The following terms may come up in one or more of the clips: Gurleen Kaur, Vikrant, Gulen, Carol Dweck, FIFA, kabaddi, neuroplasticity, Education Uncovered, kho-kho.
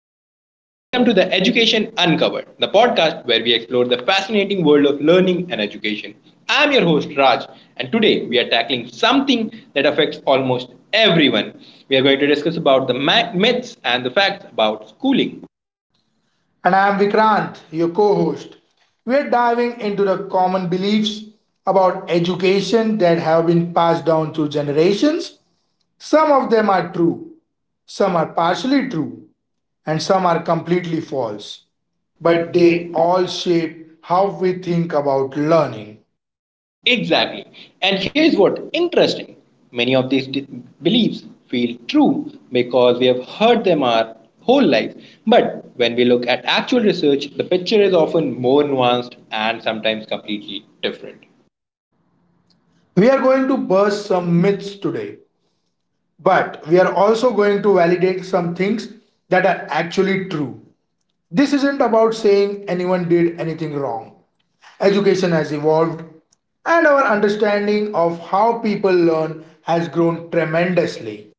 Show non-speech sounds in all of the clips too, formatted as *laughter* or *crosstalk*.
everyone, and welcome to the Education Uncovered, the podcast where we explore the fascinating world of learning and education. I'm your host, Raj, and today we are tackling something that affects almost everyone. We are going to discuss about the myths and the facts about schooling. And I am Vikrant, your co host. We're diving into the common beliefs about education that have been passed down through generations. Some of them are true, some are partially true, and some are completely false. But they all shape how we think about learning. Exactly. And here's what interesting, many of these beliefs feel true because we have heard them our whole life. But when we look at actual research, the picture is often more nuanced and sometimes completely different. We are going to burst some myths today, but we are also going to validate some things that are actually true. This isn't about saying anyone did anything wrong. Education has evolved, and our understanding of how people learn has grown tremendously.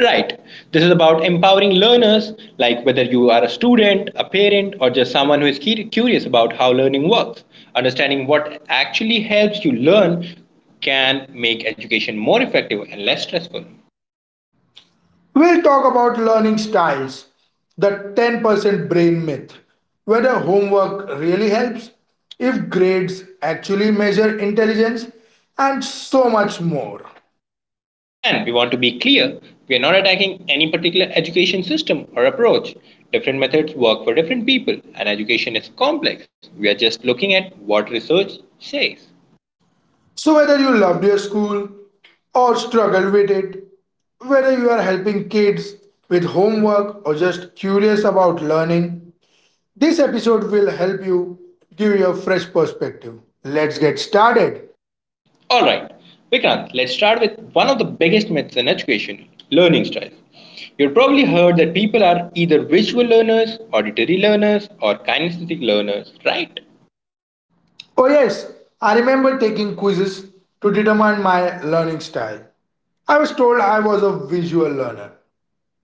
Right. This is about empowering learners, like whether you are a student, a parent, or just someone who is curious about how learning works. Understanding what actually helps you learn can make education more effective and less stressful. We'll talk about learning styles, the 10% brain myth, whether homework really helps, if grades actually measure intelligence, and so much more. And we want to be clear, we are not attacking any particular education system or approach. Different methods work for different people, and education is complex. We are just looking at what research says. So, whether you loved your school or struggled with it, whether you are helping kids with homework or just curious about learning, this episode will help you give you a fresh perspective. Let's get started. Alright, Vikrant, let's start with one of the biggest myths in education, learning styles. You've probably heard that people are either visual learners, auditory learners, or kinesthetic learners, right? Oh, yes, I remember taking quizzes to determine my learning style. I was told I was a visual learner,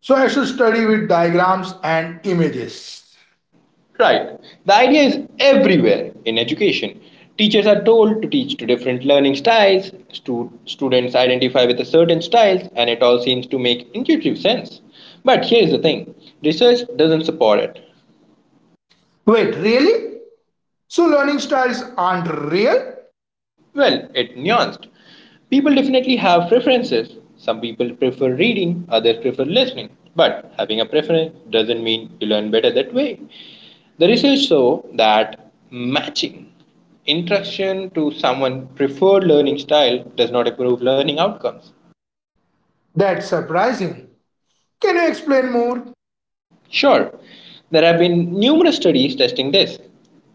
so I should study with diagrams and images. Right. The idea is everywhere in education. Teachers are told to teach to different learning styles, students identify with a certain styles, and it all seems to make intuitive sense. But here's the thing, research doesn't support it. Wait, really? So, learning styles aren't real? Well, it nuanced. People definitely have preferences. Some people prefer reading, others prefer listening. But having a preference doesn't mean you learn better that way. The research show that matching instruction to someone's preferred learning style does not improve learning outcomes. That's surprising. Can you explain more? Sure, there have been numerous studies testing this.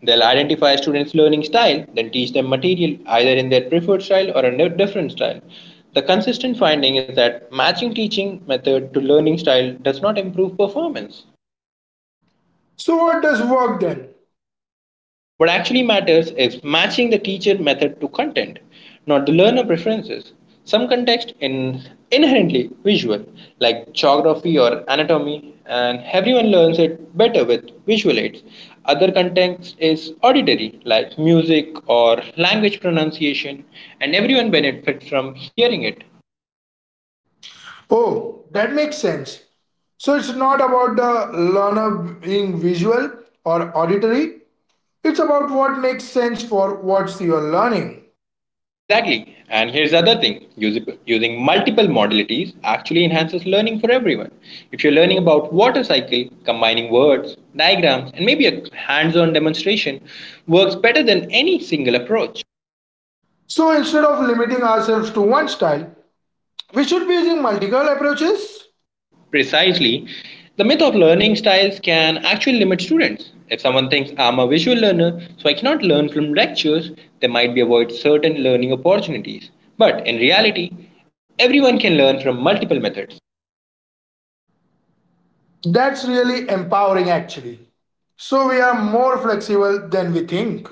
They'll identify a students' learning style, then teach them material either in their preferred style or a different style. The consistent finding is that matching teaching method to learning style does not improve performance. So, what does work then? What actually matters is matching the teacher method to content, not the learner preferences. Some context is inherently visual, like geography or anatomy, and everyone learns it better with visual aids. Other context is auditory, like music or language pronunciation, and everyone benefits from hearing it. Oh, that makes sense. So, it's not about the learner being visual or auditory, it's about what makes sense for what you're learning. Exactly. And here's the other thing. Using multiple modalities actually enhances learning for everyone. If you're learning about water cycle, combining words, diagrams, and maybe a hands on demonstration works better than any single approach. So, instead of limiting ourselves to one style, we should be using multiple approaches. Precisely, the myth of learning styles can actually limit students. If someone thinks I'm a visual learner, so I cannot learn from lectures, they might be avoid certain learning opportunities. But in reality, everyone can learn from multiple methods. That's really empowering, actually. So, we are more flexible than we think.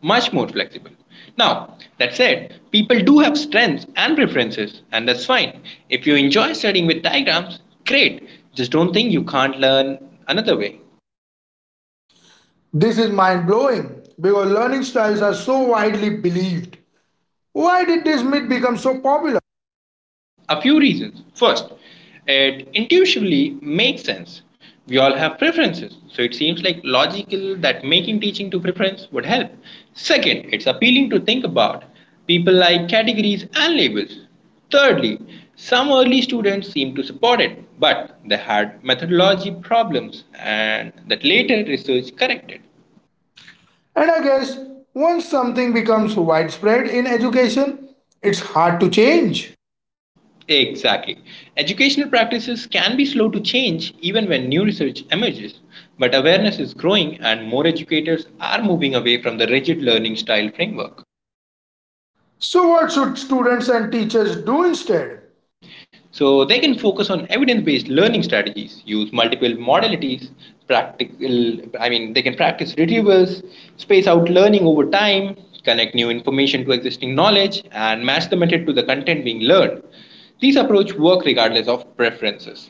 Much more flexible. Now, that said, people do have strengths and preferences, and that's fine. If you enjoy studying with diagrams, great. Just don't think you can't learn another way. This is mind blowing because learning styles are so widely believed. Why did this myth become so popular? A few reasons. First, it intuitively makes sense. We all have preferences, so it seems like logical that making teaching to preference would help. Second, it's appealing to think about. People like categories and labels. Thirdly, some early students seemed to support it, but they had methodology problems and that later research corrected. And I guess once something becomes widespread in education, it's hard to change. Exactly. Educational practices can be slow to change even when new research emerges, but awareness is growing and more educators are moving away from the rigid learning style framework. So, what should students and teachers do instead? So they can focus on evidence-based learning strategies, use multiple modalities, practical they can practice retrievals, space out learning over time, connect new information to existing knowledge and match the method to the content being learned. These approach work regardless of preferences.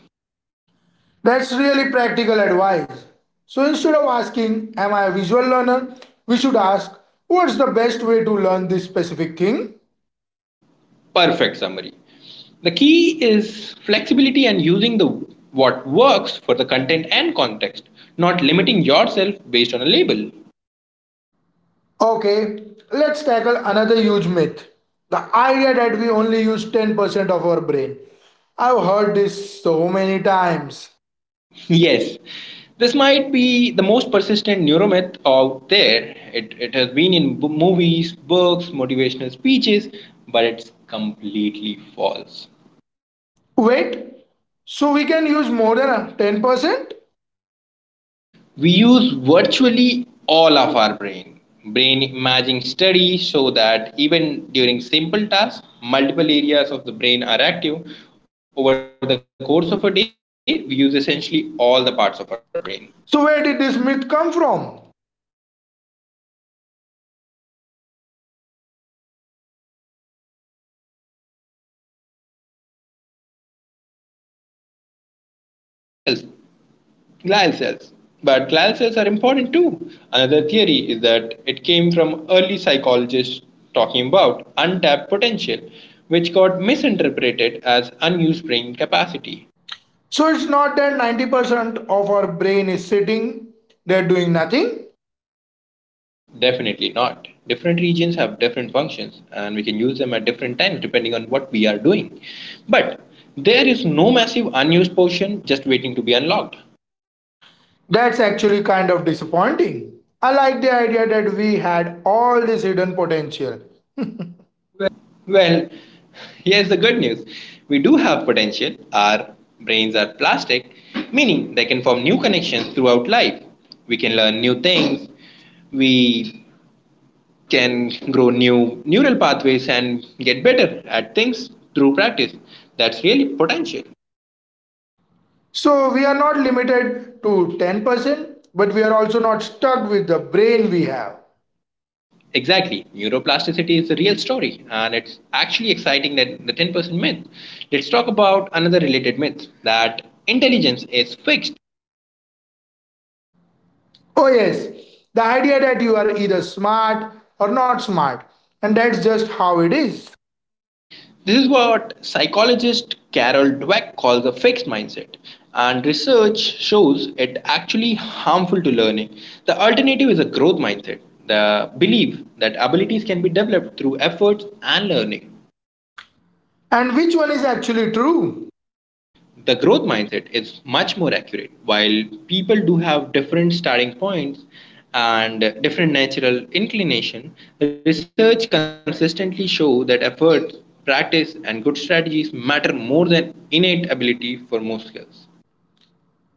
That's really practical advice. So, instead of asking, "Am I a visual learner?" we should ask, "What's the best way to learn this specific thing?" Perfect summary. The key is flexibility and using the what works for the content and context, not limiting yourself based on a label. Okay, let's tackle another huge myth, the idea that we only use 10% of our brain. I've heard this so many times. *laughs* yes, this might be the most persistent neuromyth out there. It has been in movies, books, motivational speeches, but it's completely false. Wait, so we can use more than 10%? We use virtually all of our brain. Brain imaging studies show that even during simple tasks, multiple areas of the brain are active. Over the course of a day, we use essentially all the parts of our brain. So where did this myth come from? There are several original stories. One is that it's a misinterpretation of a research showing that neurons make up about 10% of brain cells. The rest are glycals, glial cells. But glial cells are important too. Another theory is that it came from early psychologists talking about untapped potential, which got misinterpreted as unused brain capacity. So it's not that 90% of our brain is sitting there doing nothing. Definitely not. Different regions have different functions, and we can use them at different times depending on what we are doing. But there is no massive unused portion just waiting to be unlocked. That's actually kind of disappointing. I like the idea that we had all this hidden potential. Well, here's the good news. We do have potential. Our brains are plastic, meaning they can form new connections throughout life. We can learn new things. We can grow new neural pathways and get better at things through practice. That's really potential. So we are not limited to 10%, but we are also not stuck with the brain we have. Exactly. Neuroplasticity is the real story, and it's actually exciting that the 10% myth. Let's talk about another related myth, that intelligence is fixed. Oh, yes, the idea that you are either smart or not smart, and that's just how it is. This is what psychologist Carol Dweck calls a fixed mindset, and research shows it actually harmful to learning. The alternative is a growth mindset, the belief that abilities can be developed through efforts and learning. And which one is actually true? The growth mindset is much more accurate. While people do have different starting points and different natural inclination, research consistently show that efforts, practice, and good strategies matter more than innate ability for most skills.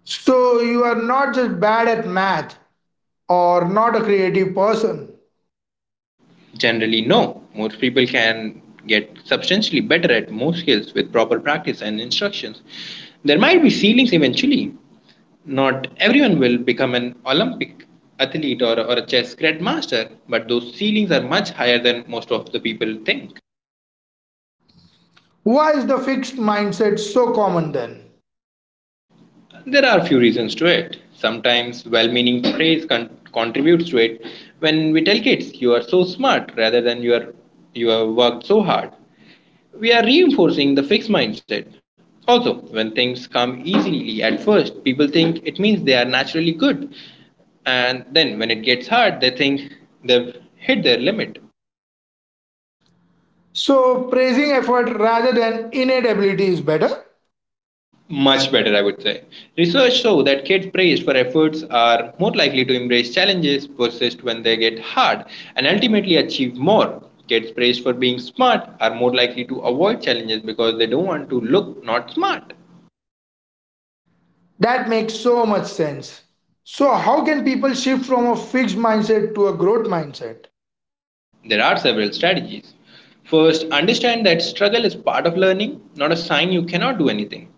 So you are not just bad at math or not a creative person. Generally, no. Most people can get substantially better at most skills with proper practice and instructions. There might be ceilings eventually. Not everyone will become an Olympic athlete or a chess grandmaster, but those ceilings are much higher than most of the people think. Why is the fixed mindset so common then? There are a few reasons to it. Sometimes well meaning *coughs* praise contributes to it. When we tell kids, you are so smart rather than you have worked so hard, we are reinforcing the fixed mindset. Also, when things come easily at first, people think it means they are naturally good. And then when it gets hard, they think they've hit their limit. So praising effort rather than innate ability is better? Much better, I would say. Research shows that kids praised for efforts are more likely to embrace challenges, persist when they get hard, and ultimately achieve more. Kids praised for being smart are more likely to avoid challenges because they don't want to look not smart. That makes so much sense. So how can people shift from a fixed mindset to a growth mindset? There are several strategies. First, understand that struggle is part of learning, not a sign you cannot do anything.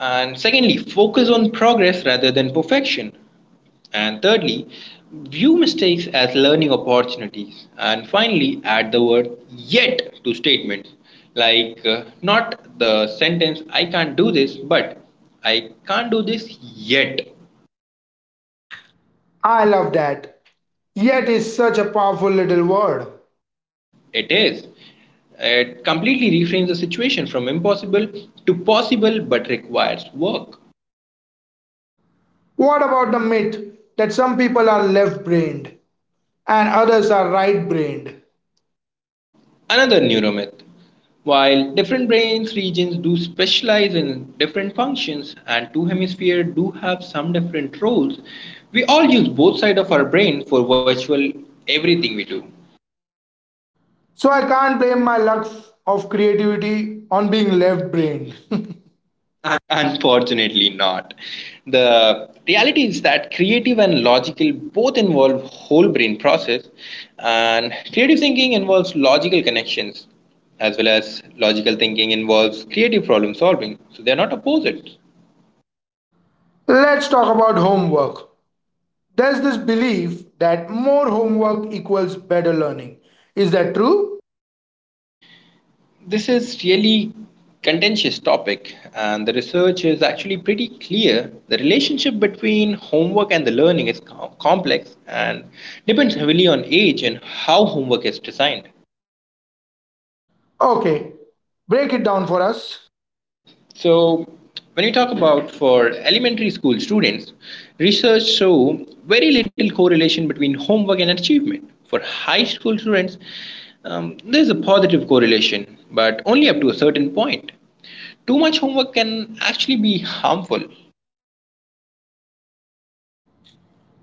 And secondly, focus on progress rather than perfection. And thirdly, view mistakes as learning opportunities. And finally, add the word yet to statements like not the sentence I can't do this, but I can't do this yet. I love that. Yet is such a powerful little word. It is. It completely reframes the situation from impossible to possible but requires work. What about the myth that some people are left brained and others are right brained? Another neuromyth. While different brain regions do specialize in different functions and two hemispheres do have some different roles, we all use both sides of our brain for virtually everything we do. So I can't blame my lack of creativity on being left brained. *laughs* Unfortunately, not. The reality is that creative and logical both involve whole brain process, and creative thinking involves logical connections, as well as logical thinking involves creative problem solving. So they are not opposites. Let's talk about homework. There's this belief that more homework equals better learning. Is that true? This is really contentious topic, and the research is actually pretty clear. The relationship between homework and the learning is complex and depends heavily on age and how homework is designed. Okay, break it down for us. So, when you talk about for elementary school students, research show very little correlation between homework and achievement. For high school students, there's a positive correlation, but only up to a certain point. Too much homework can actually be harmful.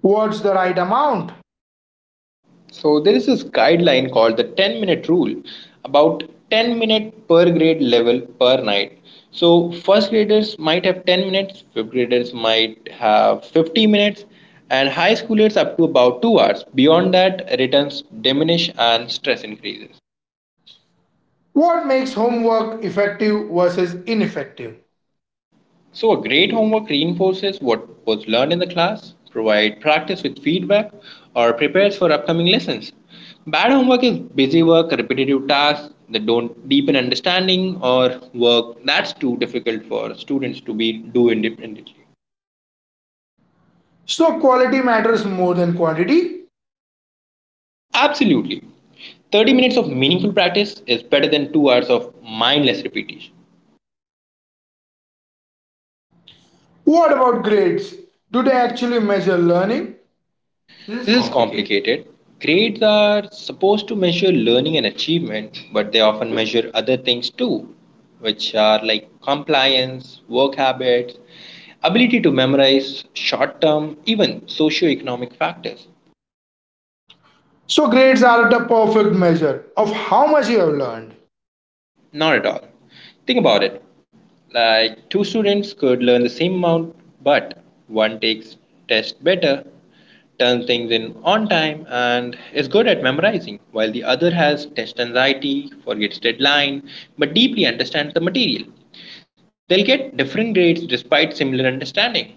What's the right amount? So there is this guideline called the 10-minute minute rule, about 10 minute per grade level per night. So first graders might have 10 minutes, fifth graders might have 50 minutes and high schoolers up to about 2 hours. Beyond that returns diminish and stress increases. What makes homework effective versus ineffective? So, a great homework reinforces what was learned in the class, provide practice with feedback, or prepares for upcoming lessons. Bad homework is busy work, repetitive tasks that don't deepen understanding, or work that's too difficult for students to be do independently. So, quality matters more than quantity. Absolutely. 30 minutes of meaningful practice is better than 2 hours of mindless repetition. What about grades? Do they actually measure learning? This is This is complicated. complicated. Grades are supposed to measure learning and achievement, but they often measure other things too, which are like compliance, work habits, ability to memorize, short term, even socioeconomic factors. So grades are the perfect measure of how much you have learned. Not at all. Think about it. Like two students could learn the same amount, but one takes test better, turns things in on time, and is good at memorizing, while the other has test anxiety, forgets deadline, but deeply understands the material. They'll get different grades despite similar understanding.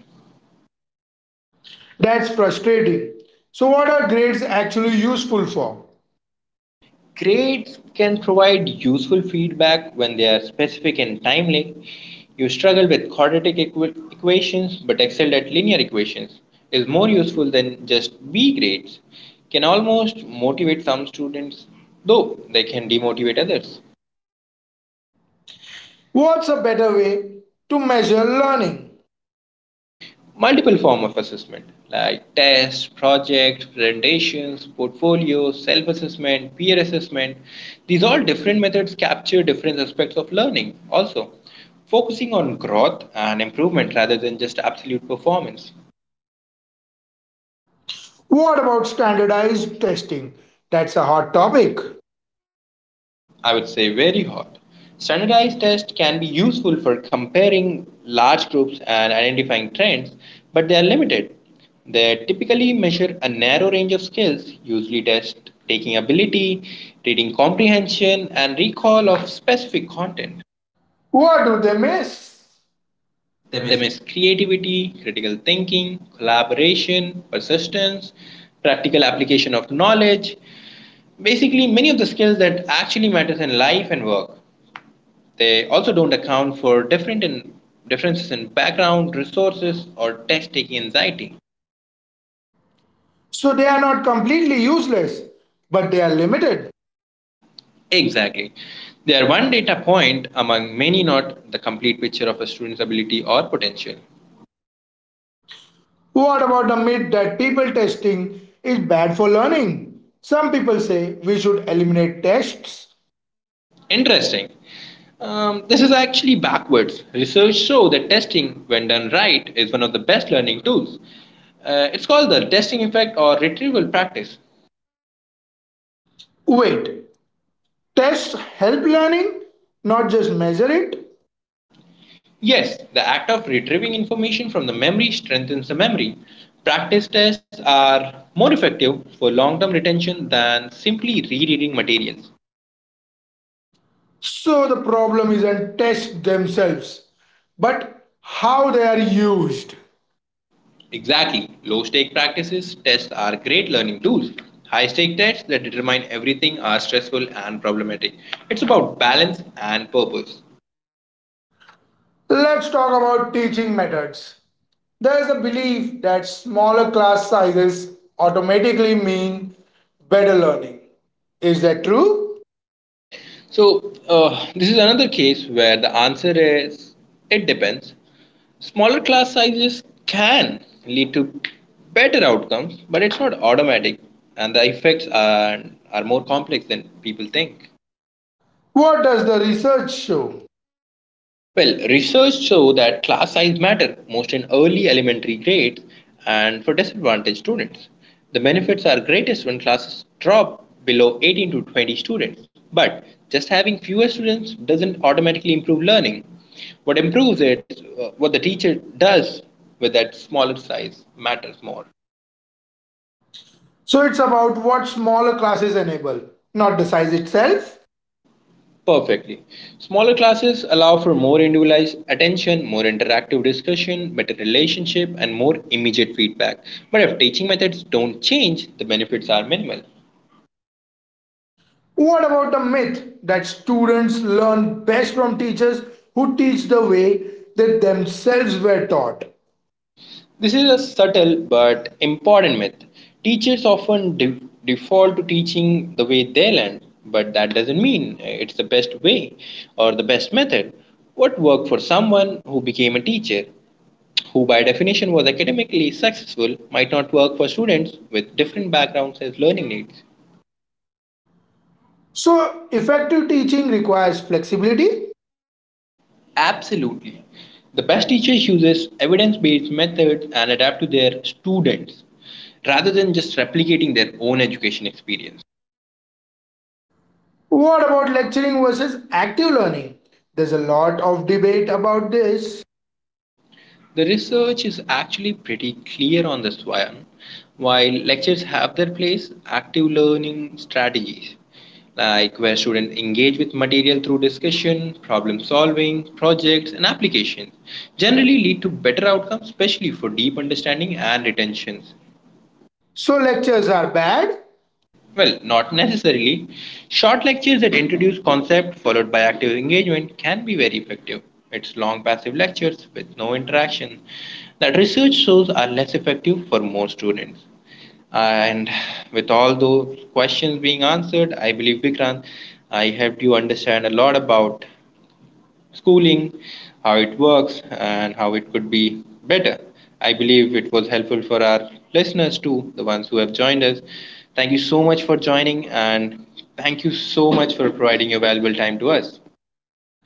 That's frustrating. So what are grades actually useful for? Grades can provide useful feedback when they are specific and timely. You struggle with quadratic equations but excelled at linear equations is more useful than just B grades. Can almost motivate some students, though they can demotivate others. What's a better way to measure learning? Multiple form of assessment like tests, projects, presentations, portfolios, self-assessment, peer assessment. These all different methods capture different aspects of learning, also focusing on growth and improvement rather than just absolute performance. What about standardized testing? That's a hot topic. I would say very hot. Standardized tests can be useful for comparing large groups and identifying trends, but they are limited. They typically measure a narrow range of skills, usually test taking ability, reading comprehension, and recall of specific content. What do they miss? They They miss. miss creativity, critical thinking, collaboration, persistence, practical application of knowledge, basically many of the skills that actually matters in life and work. They also don't account for differences in background, resources, or test taking anxiety. So they are not completely useless, but they are limited. Exactly. They are one data point among many, not the complete picture of a student's ability or potential. What about the myth that people testing is bad for learning? Some people say we should eliminate tests. Interesting. This is actually backwards. Research shows that testing, when done right, is one of the best learning tools. It's called the testing effect or retrieval practice. Wait, tests help learning, not just measure it. Yes, the act of retrieving information from the memory strengthens the memory. Practice tests are more effective for long term retention than simply rereading materials. So the problem isn't tests themselves, but how they are used. Exactly, low stake practices tests are great learning tools. High stake tests that determine everything are stressful and problematic. It's about balance and purpose. Let's talk about teaching methods. There is a belief that smaller class sizes automatically mean better learning. Is that true? So, this is another case where the answer is it depends. Smaller class sizes can lead to better outcomes, but it's not automatic, and the effects are more complex than people think. What does the research show? Well, research show that class size matter most in early elementary grades and for disadvantaged students. The benefits are greatest when classes drop below 18 to 20 students. But just having fewer students doesn't automatically improve learning. What the teacher does with that smaller size matters more. So it's about what smaller classes enable, not the size itself. Perfectly. Smaller classes allow for more individualized attention, more interactive discussion, better relationship, and more immediate feedback. But if teaching methods don't change, the benefits are minimal. What about the myth that students learn best from teachers who teach the way they themselves were taught? This is a subtle but important myth. Teachers often default to teaching the way they learn, but that doesn't mean it's the best way or the best method. What worked for someone who became a teacher, who by definition was academically successful, might not work for students with different backgrounds as learning needs. So, effective teaching requires flexibility. Absolutely. The best teachers use evidence-based methods and adapt to their students rather than just replicating their own education experience. What about lecturing versus active learning? There's a lot of debate about this. The research is actually pretty clear on this one. While lectures have their place, active learning strategies, like where students engage with material through discussion, problem solving, projects, and applications, generally lead to better outcomes, especially for deep understanding and retention. So, lectures are bad. Well, not necessarily. Short lectures that introduce concept followed by active engagement can be very effective. It's long passive lectures with no interaction that research shows are less effective for more students. And with all those questions being answered, I believe Vikrant, I helped you understand a lot about schooling, how it works, and how it could be better. I believe it was helpful for our listeners too, the ones who have joined us. Thank you so much for joining, and thank you so much for providing your valuable time to us.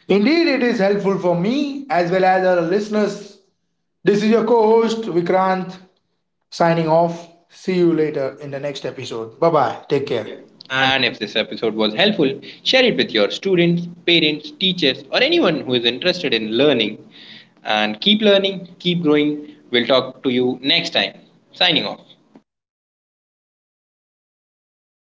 Indeed, it is helpful for me as well as our listeners. This is your co host Vikrant signing off. See you later in the next episode. Bye bye. Take care. And And if this episode was helpful, share it with your students, parents, teachers, or anyone who is interested in learning. And keep learning, keep growing. We'll talk to you next time. Signing off.